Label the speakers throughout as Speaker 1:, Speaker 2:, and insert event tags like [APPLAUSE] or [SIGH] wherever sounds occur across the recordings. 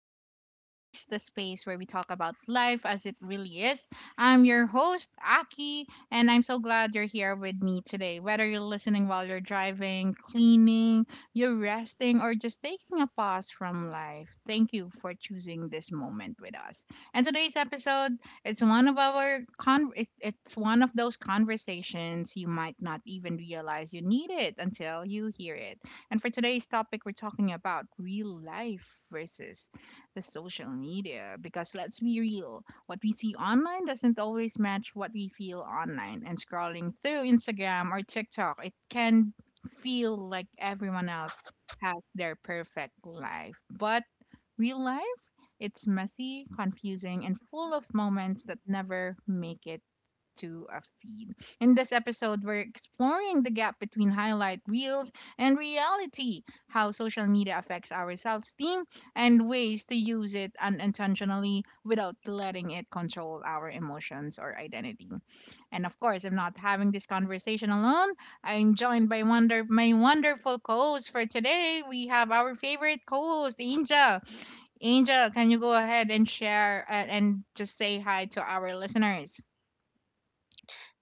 Speaker 1: Aki Speaks, the space where we talk about life as it really is. I'm your host, Aki, and I'm so glad you're here with me today. Whether you're listening while you're driving, cleaning, you're resting, or just taking a pause from life, thank you for choosing this moment with us. And today's episode, it's one of our con- it- it's one of those conversations you might not even realize you need it until you hear it. And for today's topic, we're talking about real life versus the social media. Because let's be real, what we see online doesn't always match what we feel online. And scrolling through Instagram or TikTok, it can feel like everyone else has their perfect life. But real life, it's messy, confusing, and full of moments that never make it to a feed. In this episode, we're exploring the gap between highlight reels and reality, how social media affects our self esteem, and ways to use it unintentionally without letting it control our emotions or identity. And of course, I'm not having this conversation alone. I'm joined by wonder my wonderful co-host for today. We have our favorite co-host, Angel. Angel, can you go ahead and share and just say hi to our listeners?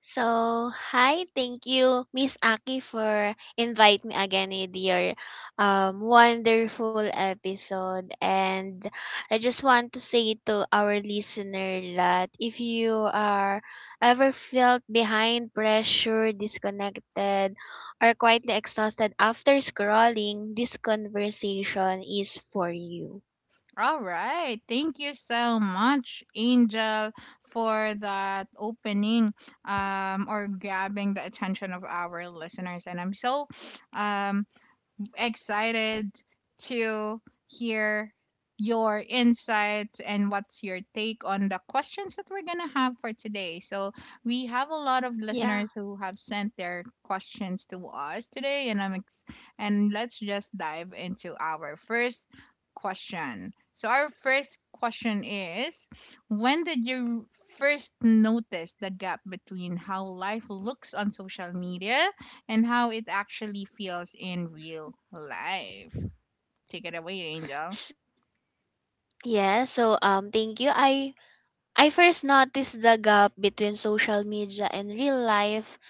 Speaker 2: So, hi, thank you, Miss Aki, for invite me again in your wonderful episode. And I just want to say to our listener that if you are ever felt behind, pressure, disconnected, or quietly exhausted after scrolling, this conversation is for you.
Speaker 1: All right. Thank you so much, Angel, for that opening or grabbing the attention of our listeners. And I'm so um, excited to hear your insights and what's your take on the questions that we're going to have for today. So, we have a lot of
Speaker 2: Yeah.
Speaker 1: listeners who have sent their questions to us today and and let's just dive into our first question. So, our first question is when did you first notice the gap between how life looks on social media and how it actually feels in real life. Take it away, Angel.
Speaker 2: S- Yeah, so thank you. I first noticed the gap between social media and real life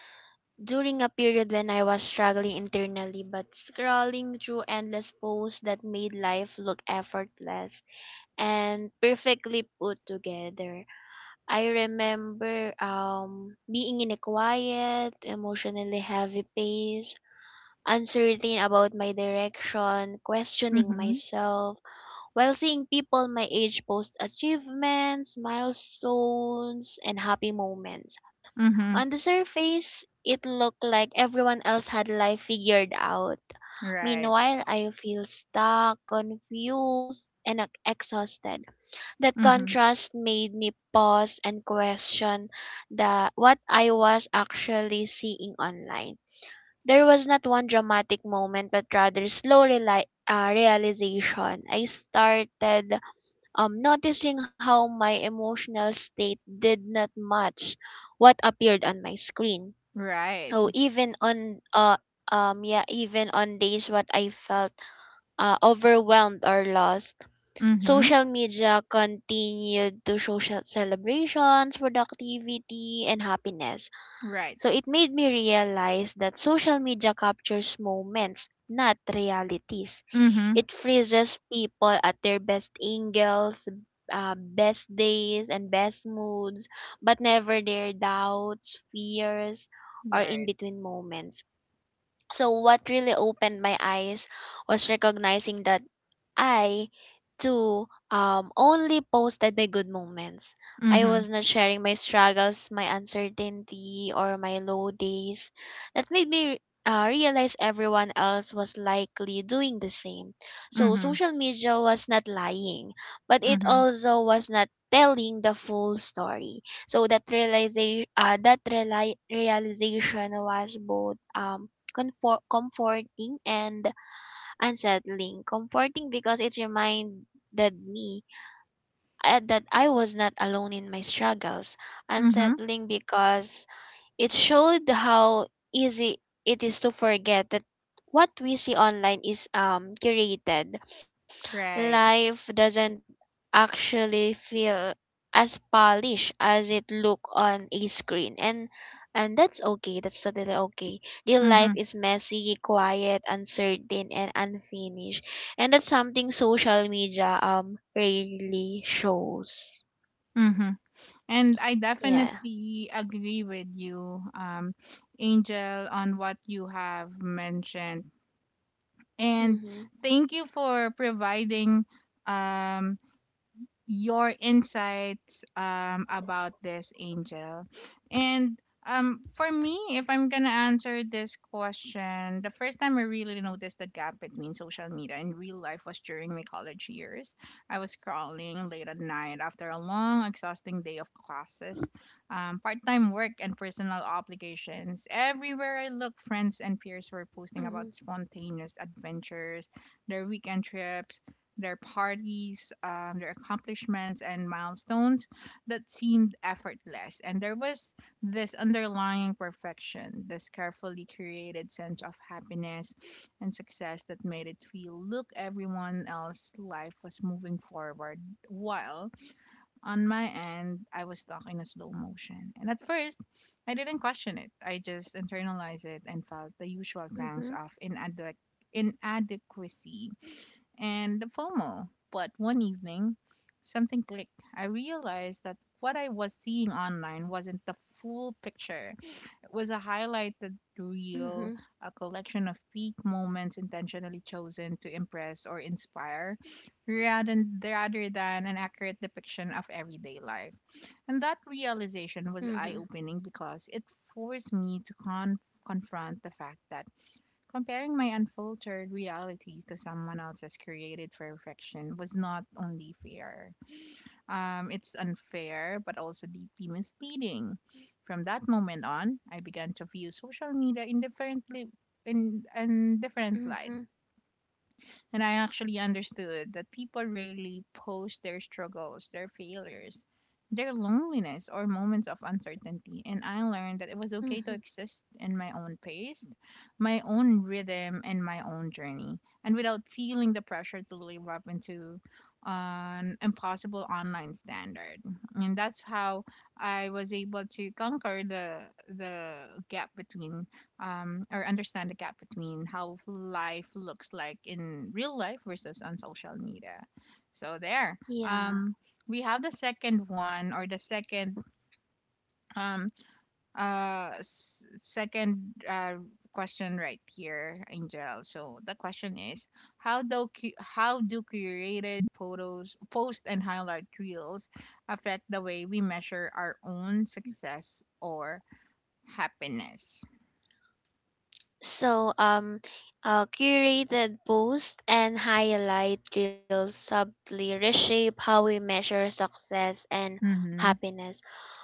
Speaker 2: during a period when I was struggling internally but scrolling through endless posts that made life look effortless and perfectly put together. I remember being in a quiet, emotionally heavy pace, uncertain about my direction, questioning
Speaker 1: Mm-hmm.
Speaker 2: myself while seeing people my age post achievements, milestones, and happy moments.
Speaker 1: Mm-hmm.
Speaker 2: On the surface, it looked like everyone else had life figured out.
Speaker 1: Right.
Speaker 2: Meanwhile, I feel stuck, confused, and exhausted. That
Speaker 1: Mm-hmm.
Speaker 2: contrast made me pause and question the what I was actually seeing online. There was not one dramatic moment, but rather slow realization. I started noticing how my emotional state did not match what appeared on my screen.
Speaker 1: Right.
Speaker 2: So even on yeah, even on days what I felt overwhelmed or lost,
Speaker 1: Mm-hmm.
Speaker 2: social media continued to social celebrations, productivity, and happiness,
Speaker 1: Right.
Speaker 2: so it made me realize that social media captures moments, not realities.
Speaker 1: Mm-hmm.
Speaker 2: It freezes people at their best angles, best days, and best moods, but never their doubts, fears, or in
Speaker 1: Right.
Speaker 2: between moments. So, what really opened my eyes was recognizing that I too only posted my good moments. I
Speaker 1: Mm-hmm.
Speaker 2: was not sharing my struggles, my uncertainty, or my low days. That made me realize everyone else was likely doing the same. So
Speaker 1: Mm-hmm.
Speaker 2: social media was not lying, but it
Speaker 1: Mm-hmm.
Speaker 2: also was not telling the full story. So that realization was both comforting and unsettling. Comforting because it reminded me that I was not alone in my struggles,
Speaker 1: Mm-hmm.
Speaker 2: unsettling because it showed how easy it is to forget that what we see online is curated.
Speaker 1: Right.
Speaker 2: Life doesn't actually feel as polished as it look on a screen, and that's okay, that's totally okay. Real life
Speaker 1: Mm-hmm.
Speaker 2: is messy, quiet, uncertain, and unfinished, and that's something social media rarely shows.
Speaker 1: Mm-hmm. And I
Speaker 2: Yeah.
Speaker 1: definitely agree with you, Angel, on what you have mentioned. And
Speaker 2: Mm-hmm.
Speaker 1: thank you for providing um your insights about this, Angel. And for me, if I'm going to answer this question, the first time I really noticed the gap between social media and real life was during my college years. I was scrolling late at night after a long, exhausting day of classes, part time work, and personal obligations. Everywhere I looked, friends and peers were
Speaker 2: Mm-hmm.
Speaker 1: posting about spontaneous adventures, their weekend trips, their parties, their accomplishments, and milestones that seemed effortless. And there was this underlying perfection, this carefully created sense of happiness and success that made it feel look, everyone else's life was moving forward. While on my end, I was stuck in a slow motion. And at first, I didn't question it, I just internalized it and felt
Speaker 2: Mm-hmm.
Speaker 1: the usual pangs of inadequate inadequacy and the FOMO. But one evening, something clicked. I realized that what I was seeing online wasn't the full picture. It was a highlighted
Speaker 2: Mm-hmm.
Speaker 1: reel, a collection of peak moments intentionally chosen to impress or inspire, rather than an accurate depiction of everyday life. And that realization
Speaker 2: Mm-hmm.
Speaker 1: was eye opening because it forced me to confront the fact that comparing my unfiltered reality to someone else's created perfection was not only fair, it's unfair, but also deeply misleading. From that moment on, I began to view social media in in different
Speaker 2: Mm-hmm.
Speaker 1: light. And I actually understood that people rarely post their struggles, their failures, their loneliness, or moments of uncertainty. And I learned that it was
Speaker 2: Mm-hmm.
Speaker 1: okay to exist in my own pace, my own rhythm, and my own journey, and without feeling the pressure to live up into an impossible online standard. And that's how I was able to conquer the gap between or understand the gap between how life looks like in real life versus on social media. So there.
Speaker 2: Yeah.
Speaker 1: Um, we have the second one or the second um uh s- second uh question right here, Angel. So the question is, how do how do curated photos, post and highlight reels affect the way we measure our own success or happiness?
Speaker 2: So, curated posts and highlight reels subtly reshape how we measure success and
Speaker 1: Mm-hmm.
Speaker 2: happiness,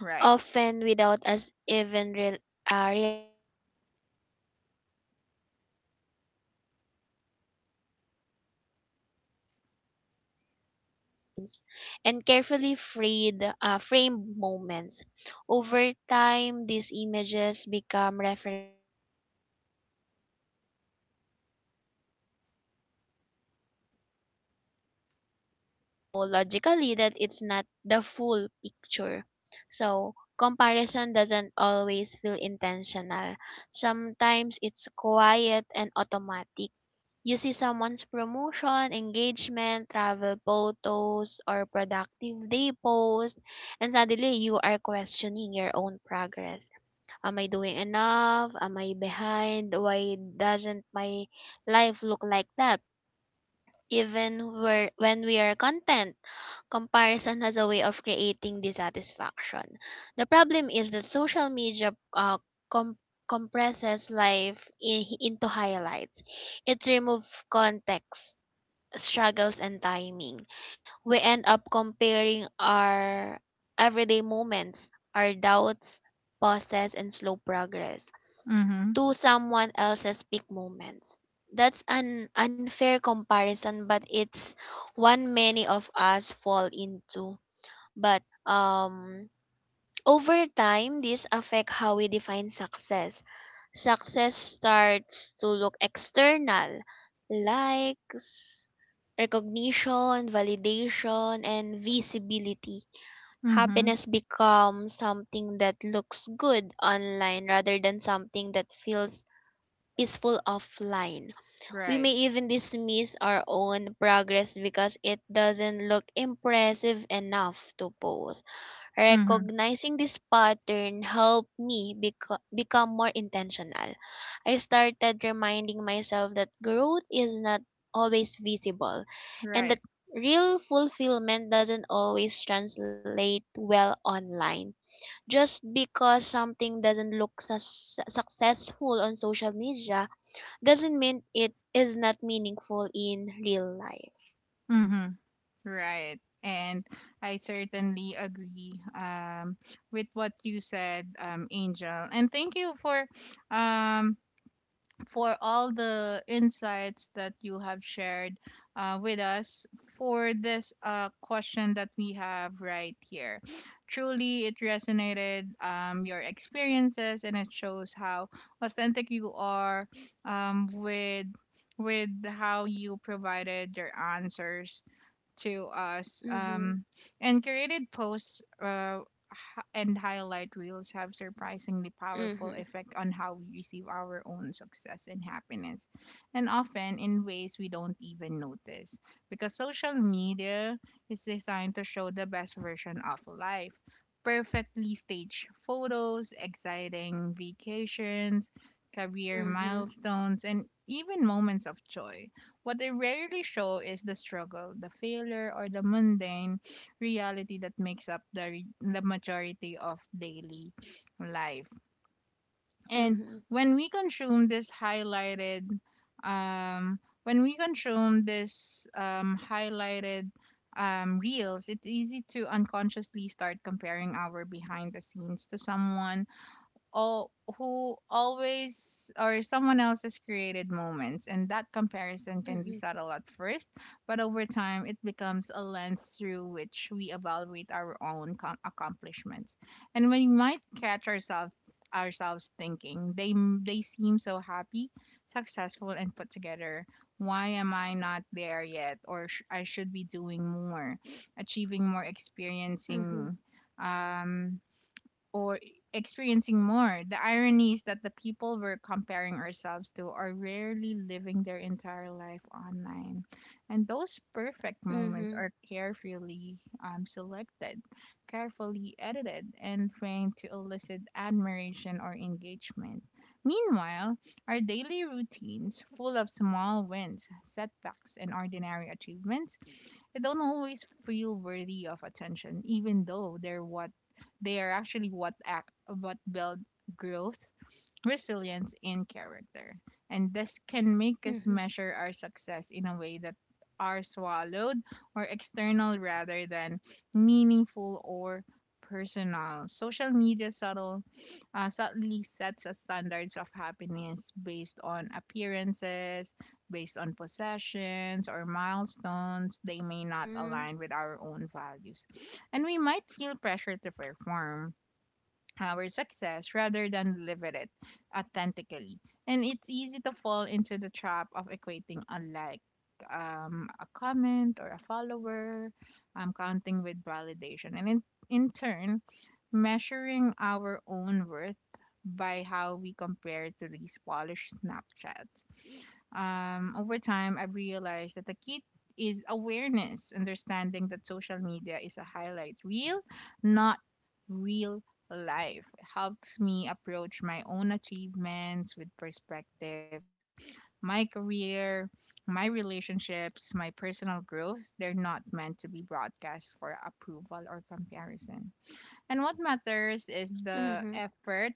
Speaker 1: Right.
Speaker 2: without us even realizing it. When we scroll through social media, we're constantly exposed to achievements, milestones, and carefully framed moments. Over time, these images become reference points. We start measuring our own lives against what we see, even when we know logically that it's not the full picture. So, comparison doesn't always feel intentional. Sometimes it's quiet and automatic. You see someone's promotion, engagement, travel photos, or productive day post, and suddenly you are questioning your own progress. Am I doing enough? Am I behind? Why doesn't my life look like that? Even where, when we are content. Comparison has a way of creating dissatisfaction. The problem is that social media com- compresses life into highlights. It removes context, struggles, and timing. We end up comparing our everyday moments, our doubts, pauses, and slow progress
Speaker 1: Mm-hmm.
Speaker 2: to someone else's big moments. That's an unfair comparison, but it's one many of us fall into. But over time, this affects how we define success. Success starts to look external: likes, recognition, validation, and visibility.
Speaker 1: Mhm.
Speaker 2: Happiness becomes something that looks good online rather than something that feels is full of line. We
Speaker 1: Right.
Speaker 2: may even dismiss our own progress because it doesn't look impressive enough to post.
Speaker 1: Mhm.
Speaker 2: Recognizing this pattern helped me become more intentional. I started reminding myself that growth is not always visible, and
Speaker 1: Right.
Speaker 2: that real fulfillment doesn't always translate well online. Just because something doesn't look successful on social media doesn't mean it is not meaningful in real life.
Speaker 1: Mhm. Right. And I certainly agree with what you said, Angel. And thank you um, for all the insights that you have shared with us for this question that we have right here. Truly, it resonated your experiences and it shows how authentic you are with how you provided your answers to us
Speaker 2: Mhm.
Speaker 1: and created posts and highlight reels have surprisingly powerful
Speaker 2: Mhm.
Speaker 1: effect on how we receive our own success and happiness, and often in ways we don't even notice. Because social media is designed to show the best version of life. Perfectly staged photos, exciting vacations, career
Speaker 2: Mhm.
Speaker 1: milestones, and even moments of joy. What they rarely show is the struggle, the failure, or the mundane reality that makes up the majority of daily life. And
Speaker 2: Mhm.
Speaker 1: when we consume this highlighted when we consume this highlighted reels, it's easy to unconsciously start comparing our behind the scenes to someone all who always or someone else has created moments and that comparison can be
Speaker 2: Mhm.
Speaker 1: subtle at first but over time it becomes a lens through which we evaluate our own accomplishments and when we might catch ourselves thinking they seem so happy successful and put together why am I not there yet or I should be doing more [SNIFFS] achieving more
Speaker 2: Mhm.
Speaker 1: um or experiencing more. The irony is that the people we're comparing ourselves to are rarely living their entire life online. And those perfect
Speaker 2: Mhm.
Speaker 1: moments are carefully selected, carefully edited, and framed to elicit admiration or engagement. Meanwhile, our daily routines, full of small wins, setbacks, and ordinary achievements, they don't always feel worthy of attention, even though they are actually what build growth, resilience, and character. And this can make
Speaker 2: Mhm.
Speaker 1: us measure our success in a way that are swallowed or external rather than meaningful or personal. Social media subtly sets a standards of happiness based on appearances, based on possessions or milestones. They
Speaker 2: Mhm.
Speaker 1: may not align with our own values, and we might feel pressure to perform our success rather than live with it authentically. And it's easy to fall into the trap of equating a like, a comment, or a follower, counting with validation. In turn, measuring our own worth by how we compare to these polished Snapchats. Over time, I've realized that the key is awareness, understanding that social media is a highlight reel, not real life. It helps me approach my own achievements with perspective, my career, my relationships, my personal growth. They're not meant to be broadcast for approval or comparison. And what matters
Speaker 2: Mhm.
Speaker 1: is the effort,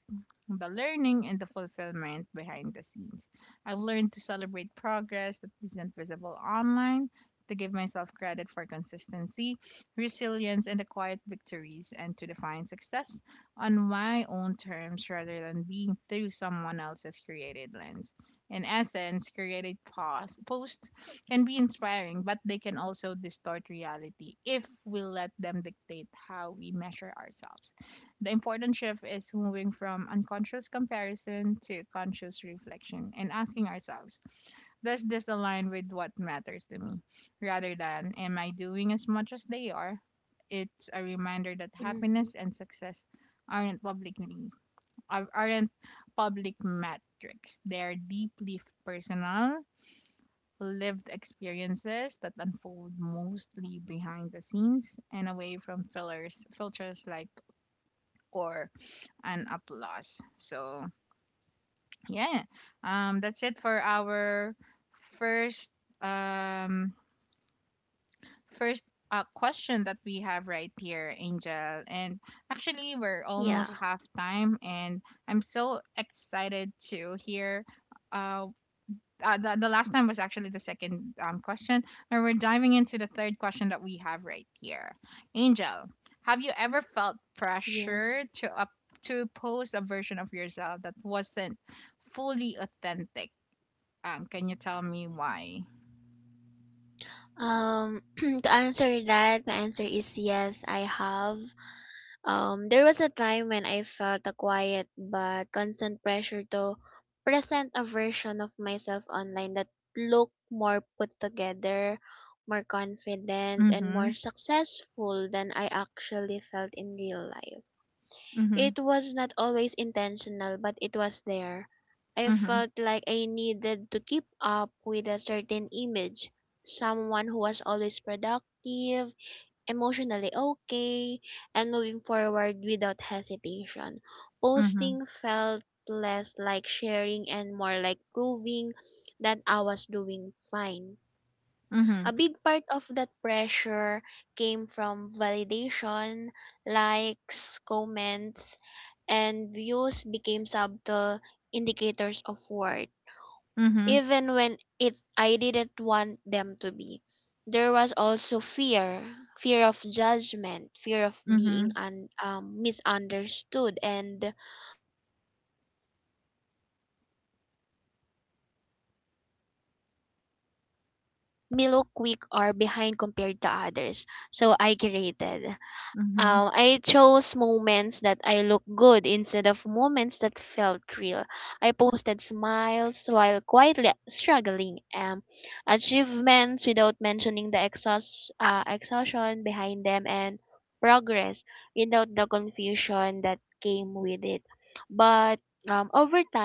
Speaker 1: the learning, and the fulfillment behind the scenes. I've learned to celebrate progress that isn't visible online, to give myself credit for consistency, resilience, and the quiet victories, and to define success on my own terms rather than being through someone else's created lens. In essence, created pause, post can be inspiring, but they can also distort reality if we let them dictate how we measure ourselves. The important shift is moving from unconscious comparison to conscious reflection and asking ourselves, does this align with what matters to me? Rather than, am I doing as much as they are? It's a reminder that
Speaker 2: Mhm.
Speaker 1: happiness and success aren't publicly aren't public metrics. They're deeply personal lived experiences that unfold mostly behind the scenes and away from filters like or an applause. So yeah, that's it for our first um first question that we have right here, Angel. And actually, we're almost
Speaker 2: Yeah.
Speaker 1: half time, and I'm so excited to hear uh the last time was actually the second question. And we're diving into the third question that we have right here. Angel, have you ever felt
Speaker 2: Yes.
Speaker 1: pressure to up to post a version of yourself that wasn't fully authentic? Can you tell me why?
Speaker 2: Um [CLEARS THROAT] to answer that, the answer is yes, I have. There was a time when I felt a quiet but constant pressure to present a version of myself online that looked more put together, more confident, and more
Speaker 1: Mm-hmm.
Speaker 2: successful than I actually felt in real life.
Speaker 1: Mm-hmm.
Speaker 2: It was not always intentional, but it was there. I
Speaker 1: Mm-hmm.
Speaker 2: felt like I needed to keep up with a certain image, someone who was always productive, emotionally okay, and moving forward without hesitation.
Speaker 1: Mm-hmm.
Speaker 2: Posting felt less like sharing and more like proving that I was doing fine.
Speaker 1: Mm-hmm.
Speaker 2: A big part of that pressure came from validation. Likes, comments, and views became subtle indicators of worth, even when it I didn't want them to be. There was also fear, fear of judgment, fear of being
Speaker 1: Mm-hmm.
Speaker 2: misunderstood, and fear that showing vulnerability might make me look weak or behind compared to others. So I curated. I chose
Speaker 1: Mm-hmm.
Speaker 2: moments that I look good instead of moments that felt real. I posted smiles while quietly struggling, achievements without mentioning the exhaustion behind them, and progress without the confusion that came with it. But over time,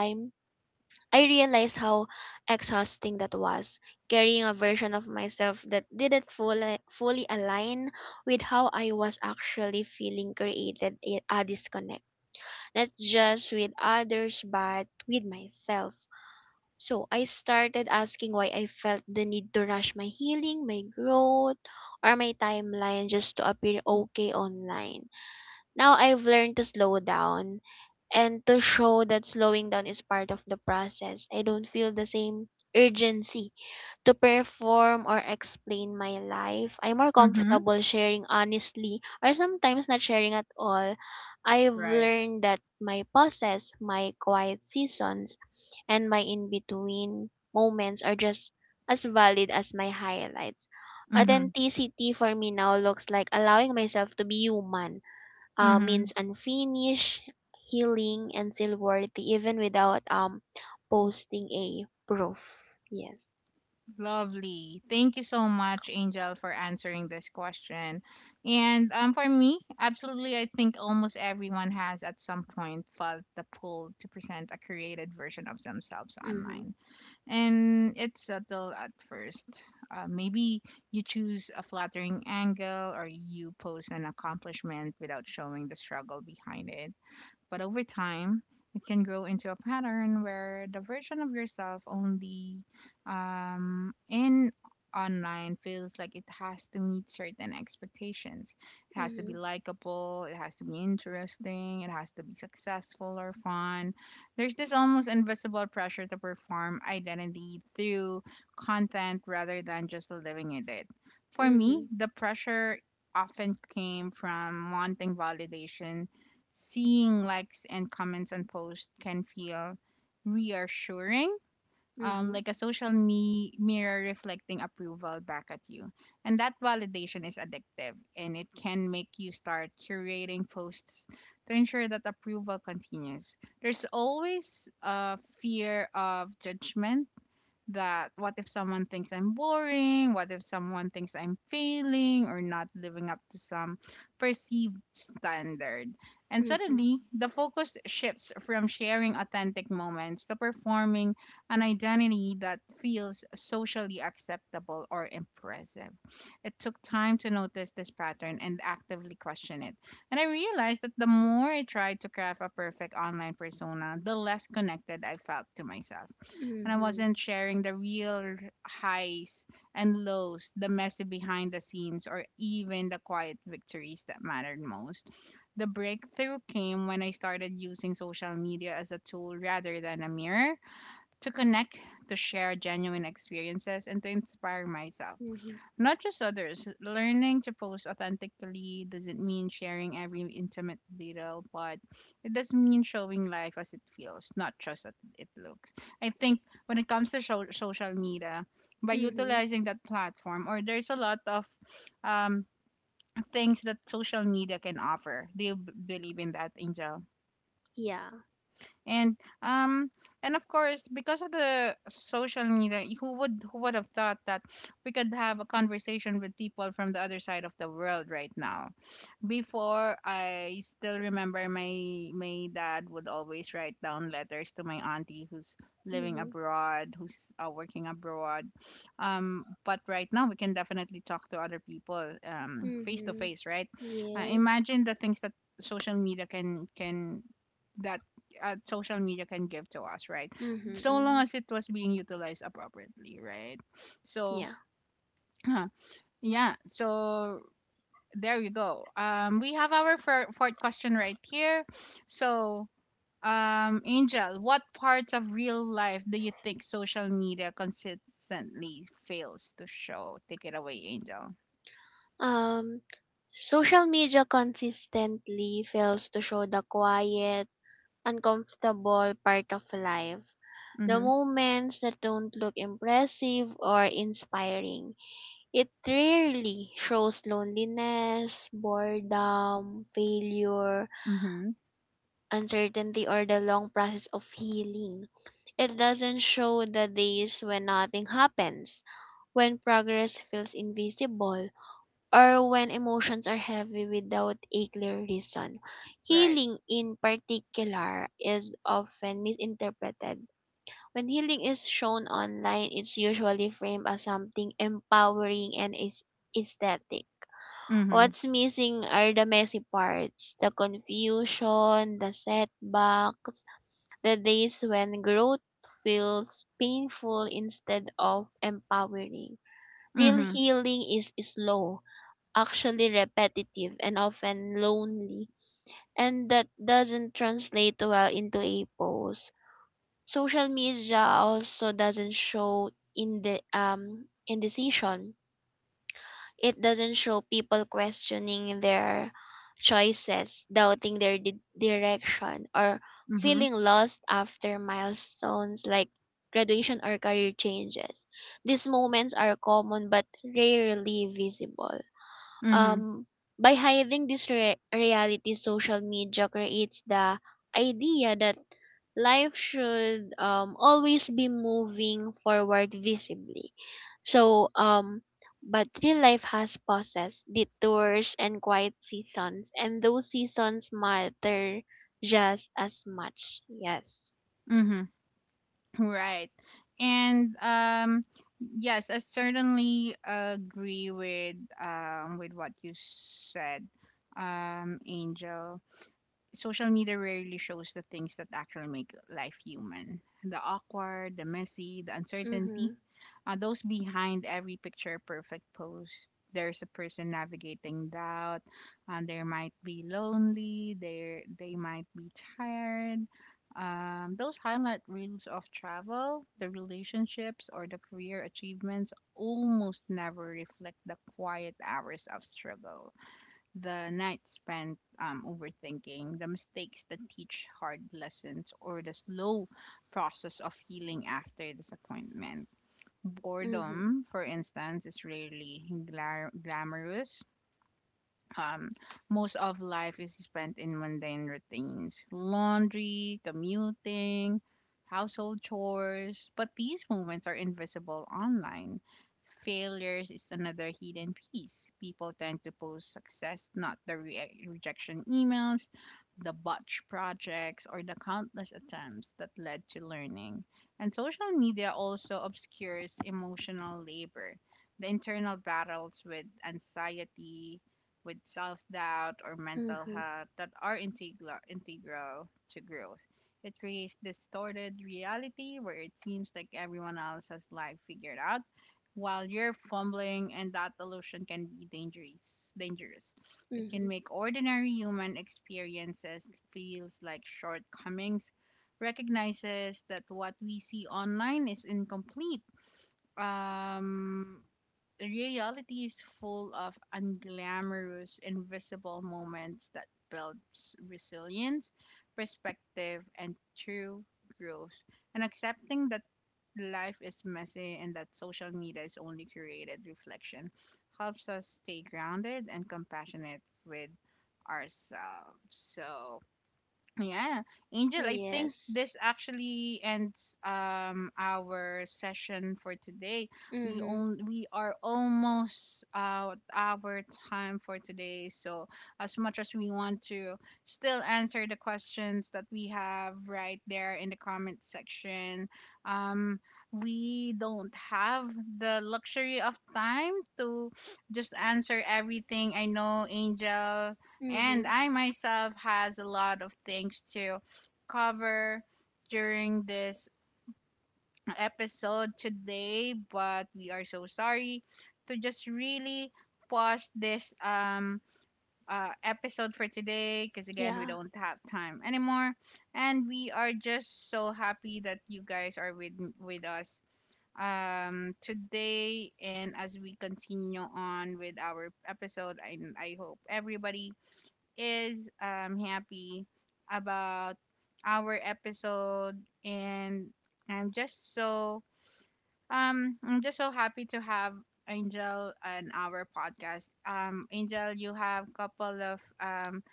Speaker 2: I realized how exhausting that was, carrying a version of myself that didn't fully align with how I was actually feeling created a disconnect, not just with others, but with myself. So I started asking why I felt the need to rush my healing, my growth, or my timeline just to appear okay online. Now I've learned to slow down, and to show that slowing down is part of the process. I don't feel the same urgency to perform or explain my life. I'm more
Speaker 1: Mm-hmm.
Speaker 2: comfortable sharing honestly, or sometimes not sharing at all. I've
Speaker 1: Right.
Speaker 2: learned that my pauses, my quiet seasons, and my in between moments are just as valid as my highlights.
Speaker 1: Mm-hmm.
Speaker 2: Authenticity for me now looks like allowing myself to be human, means unfinished, healing, and still worthy, even without posting a proof. Yes.
Speaker 1: Lovely. Thank you so much, Angel, for answering this question. And for me, absolutely, I think almost everyone has at some point felt the pull to present a created version of themselves
Speaker 2: Mhm.
Speaker 1: online. And it's subtle at first. Maybe you choose a flattering angle or you post an accomplishment without showing the struggle behind it but over time, it can grow into a pattern where the version of yourself only in online feels like it has to meet certain expectations. It has to be
Speaker 2: Mhm.
Speaker 1: likable, it has to be interesting, it has to be successful or fun. There's this almost invisible pressure to perform identity through content rather than just living in it. For me,
Speaker 2: Mhm.
Speaker 1: the pressure often came from wanting validation, seeing likes and comments on posts can feel reassuring,
Speaker 2: Mhm.
Speaker 1: like a mirror reflecting approval back at you. And that validation is addictive, and it can make you start curating posts to ensure that approval continues. There's always a fear of judgment. That what if someone thinks I'm boring? What if someone thinks I'm failing or not living up to some perceived standard? And
Speaker 2: Mhm.
Speaker 1: suddenly, the focus shifts from sharing authentic moments to performing an identity that feels socially acceptable or impressive. It took time to notice this pattern and actively question it. And I realized that the more I tried to craft a perfect online persona, the less connected I felt to myself, and I
Speaker 2: Mhm.
Speaker 1: wasn't sharing the real highs and lows, the messy behind the scenes, or even the quiet victories that mattered most. The breakthrough came when I started using social media as a tool rather than a mirror, to connect, to share genuine experiences, and to inspire myself,
Speaker 2: Mhm.
Speaker 1: not just others. Learning to post authentically doesn't mean sharing every intimate detail, but it does mean showing life as it feels, not just as it looks. I think when it comes to social media, by
Speaker 2: Mhm.
Speaker 1: utilizing that platform, or there's a lot of um, things that social media can offer. Do you believe in that, Angel?
Speaker 2: Yeah.
Speaker 1: And um and of course, because of the social media, who would, who would have thought that we could have a conversation with people from the other side of the world right now? Before, I still remember, my dad would always write down letters to my auntie who's living
Speaker 2: Mhm.
Speaker 1: abroad, who's working abroad. But right now we can definitely talk to other people, um, face to
Speaker 2: Mhm.
Speaker 1: face, right?
Speaker 2: Yes.
Speaker 1: Imagine the things that social media can that social media can give to us, right?
Speaker 2: Mhm.
Speaker 1: So long
Speaker 2: Mhm.
Speaker 1: as it was being utilized appropriately, right? So
Speaker 2: Yeah.
Speaker 1: [CLEARS THROAT] yeah, so there you go. We have our fourth question right here. So, Angel, what parts of real life do you think social media consistently fails to show? Take it away, Angel.
Speaker 2: Um. Social media consistently fails to show the quiet, uncomfortable part of life. The
Speaker 1: Mhm.
Speaker 2: moments that don't look impressive or inspiring. It rarely shows loneliness, boredom, failure,
Speaker 1: Mhm.
Speaker 2: uncertainty, or the long process of healing. It doesn't show the days when nothing happens, when progress feels invisible, or when emotions are heavy without a clear reason.
Speaker 1: Right.
Speaker 2: Healing, in particular, is often misinterpreted. When healing is shown online, it's usually framed as something empowering and is aesthetic.
Speaker 1: Mhm.
Speaker 2: What's missing are the messy parts, the confusion, the setbacks, the days when growth feels painful instead of empowering. Real
Speaker 1: Mhm.
Speaker 2: healing is slow, actually repetitive, and often lonely, and that doesn't translate well into a pose. Social media also doesn't show in the indecision. It doesn't show people questioning their choices, doubting their direction, or
Speaker 1: Mhm.
Speaker 2: feeling lost after milestones like graduation or career changes. These moments are common but rarely visible.
Speaker 1: Mhm.
Speaker 2: Um, by hiding this reality, social media creates the idea that life should always be moving forward visibly. So, but real life has pauses, detours, and quiet seasons, and those seasons matter just as much. Yes.
Speaker 1: Mhm. Right. And yes, I certainly agree with what you said, Angel. Social media rarely shows the things that actually make life human, the awkward, the messy, the uncertainty.
Speaker 2: Mhm.
Speaker 1: Those behind every picture perfect post, there's a person navigating doubt. They might be lonely. They might be tired. Those highlight reels of travel, the relationships, or the career achievements almost never reflect the quiet hours of struggle, the night spent, overthinking, the mistakes that teach hard lessons, or the slow process of healing after disappointment.
Speaker 2: Mhm.
Speaker 1: Boredom, for instance, is rarely glamorous. Um, most of life is spent in mundane routines, laundry, commuting, household chores. But these moments are invisible online. Failures is another hidden piece. People tend to post success, not the rejection emails, the botch projects, or the countless attempts that led to learning. And social media also obscures emotional labor, the internal battles with anxiety, with self doubt or mental
Speaker 2: Mhm.
Speaker 1: health that are integral to growth. It creates distorted reality where it seems like everyone else has life figured out while you're fumbling, and that illusion can be dangerous. It can
Speaker 2: Mhm.
Speaker 1: make ordinary human experiences feels like shortcomings, recognizes that what we see online is incomplete. Um, reality is full of unglamorous invisible moments that builds resilience, perspective, and true growth. And accepting that life is messy, and that social media is only curated reflection, helps us stay grounded and compassionate with ourselves. So yeah, Angel, I think
Speaker 2: Yes.
Speaker 1: this actually ends our session for today.
Speaker 2: Mhm.
Speaker 1: We are almost out our time for today. So as much as we want to still answer the questions that we have right there in the comment section, um, we don't have the luxury of time to just answer everything. I know Angel and
Speaker 2: Mhm.
Speaker 1: I myself has a lot of things to cover during this episode today, but we are so sorry to just really pause this episode for today, because again we
Speaker 2: Yeah.
Speaker 1: don't have time anymore, and we are just so happy that you guys are with us today, and as we continue on with our episode, I hope everybody is, happy about our episode, and I'm just so I'm just so happy to have Angel on our podcast. Angel, you have couple of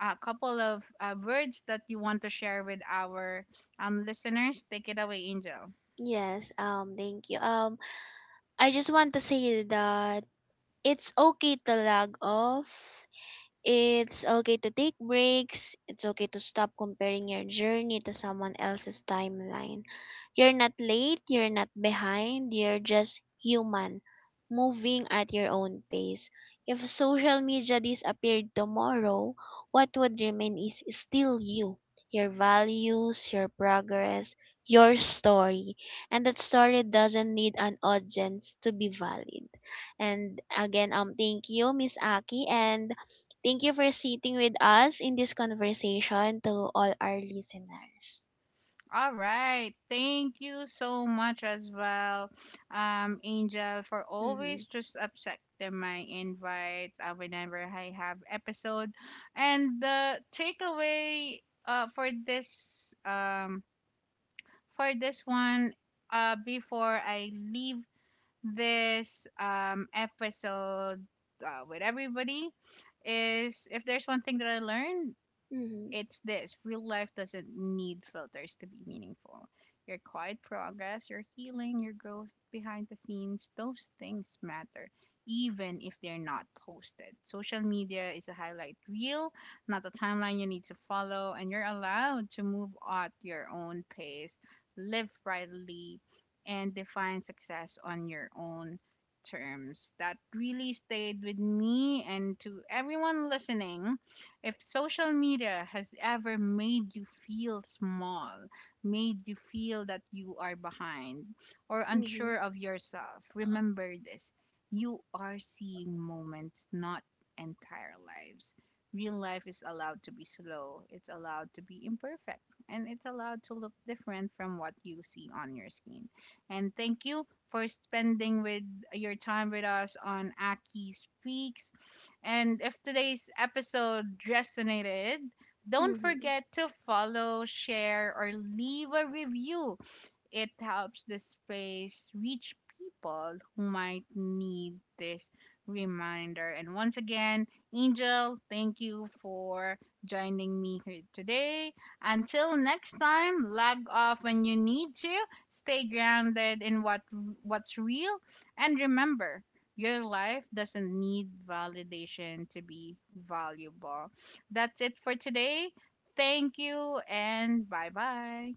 Speaker 1: a couple of words that you want to share with our listeners. Take it away, Angel.
Speaker 2: Yes. Thank you. I just want to say that it's okay to log off. It's okay to take breaks. It's okay to stop comparing your journey to someone else's timeline. You're not late, you're not behind, you're just human, moving at your own pace. If social media disappeared tomorrow, what would remain is still you, your values, your progress, your story. And that story doesn't need an audience to be valid. And again, thank you, Miss Aki, and thank you for sitting with us in this conversation to all our listeners.
Speaker 1: All right. Thank you so much as well, Angel, for
Speaker 2: Mm-hmm.
Speaker 1: always just accepting my invite, whenever I have episode. And the takeaway uh, for this um, for this one, before I leave this, episode, with everybody, is if there's one thing that I learned,
Speaker 2: Mm-hmm.
Speaker 1: it's this, real life doesn't need filters to be meaningful. Your quiet progress, your healing, your growth behind the scenes, those things matter, even if they're not posted. Social media is a highlight reel, not a timeline you need to follow, and you're allowed to move at your own pace, live rightly, and define success on your own terms. That really stayed with me, and to everyone listening, if social media has ever made you feel small, made you feel that you are behind or
Speaker 2: Mm-hmm.
Speaker 1: unsure of yourself, remember this. You are seeing moments, not entire lives. Real life is allowed to be slow, it's allowed to be imperfect, and it's allowed to look different from what you see on your screen. And thank you for spending with your time with us on Aki Speaks. And if today's episode resonated, don't
Speaker 2: Mm-hmm.
Speaker 1: forget to follow, share, or leave a review. It helps the space reach people who might need this reminder. And once again, Angel, thank you for joining me here today. Until next time, log off when you need to, stay grounded in what's real, and remember, your life doesn't need validation to be valuable. That's it for today. Thank you and bye bye.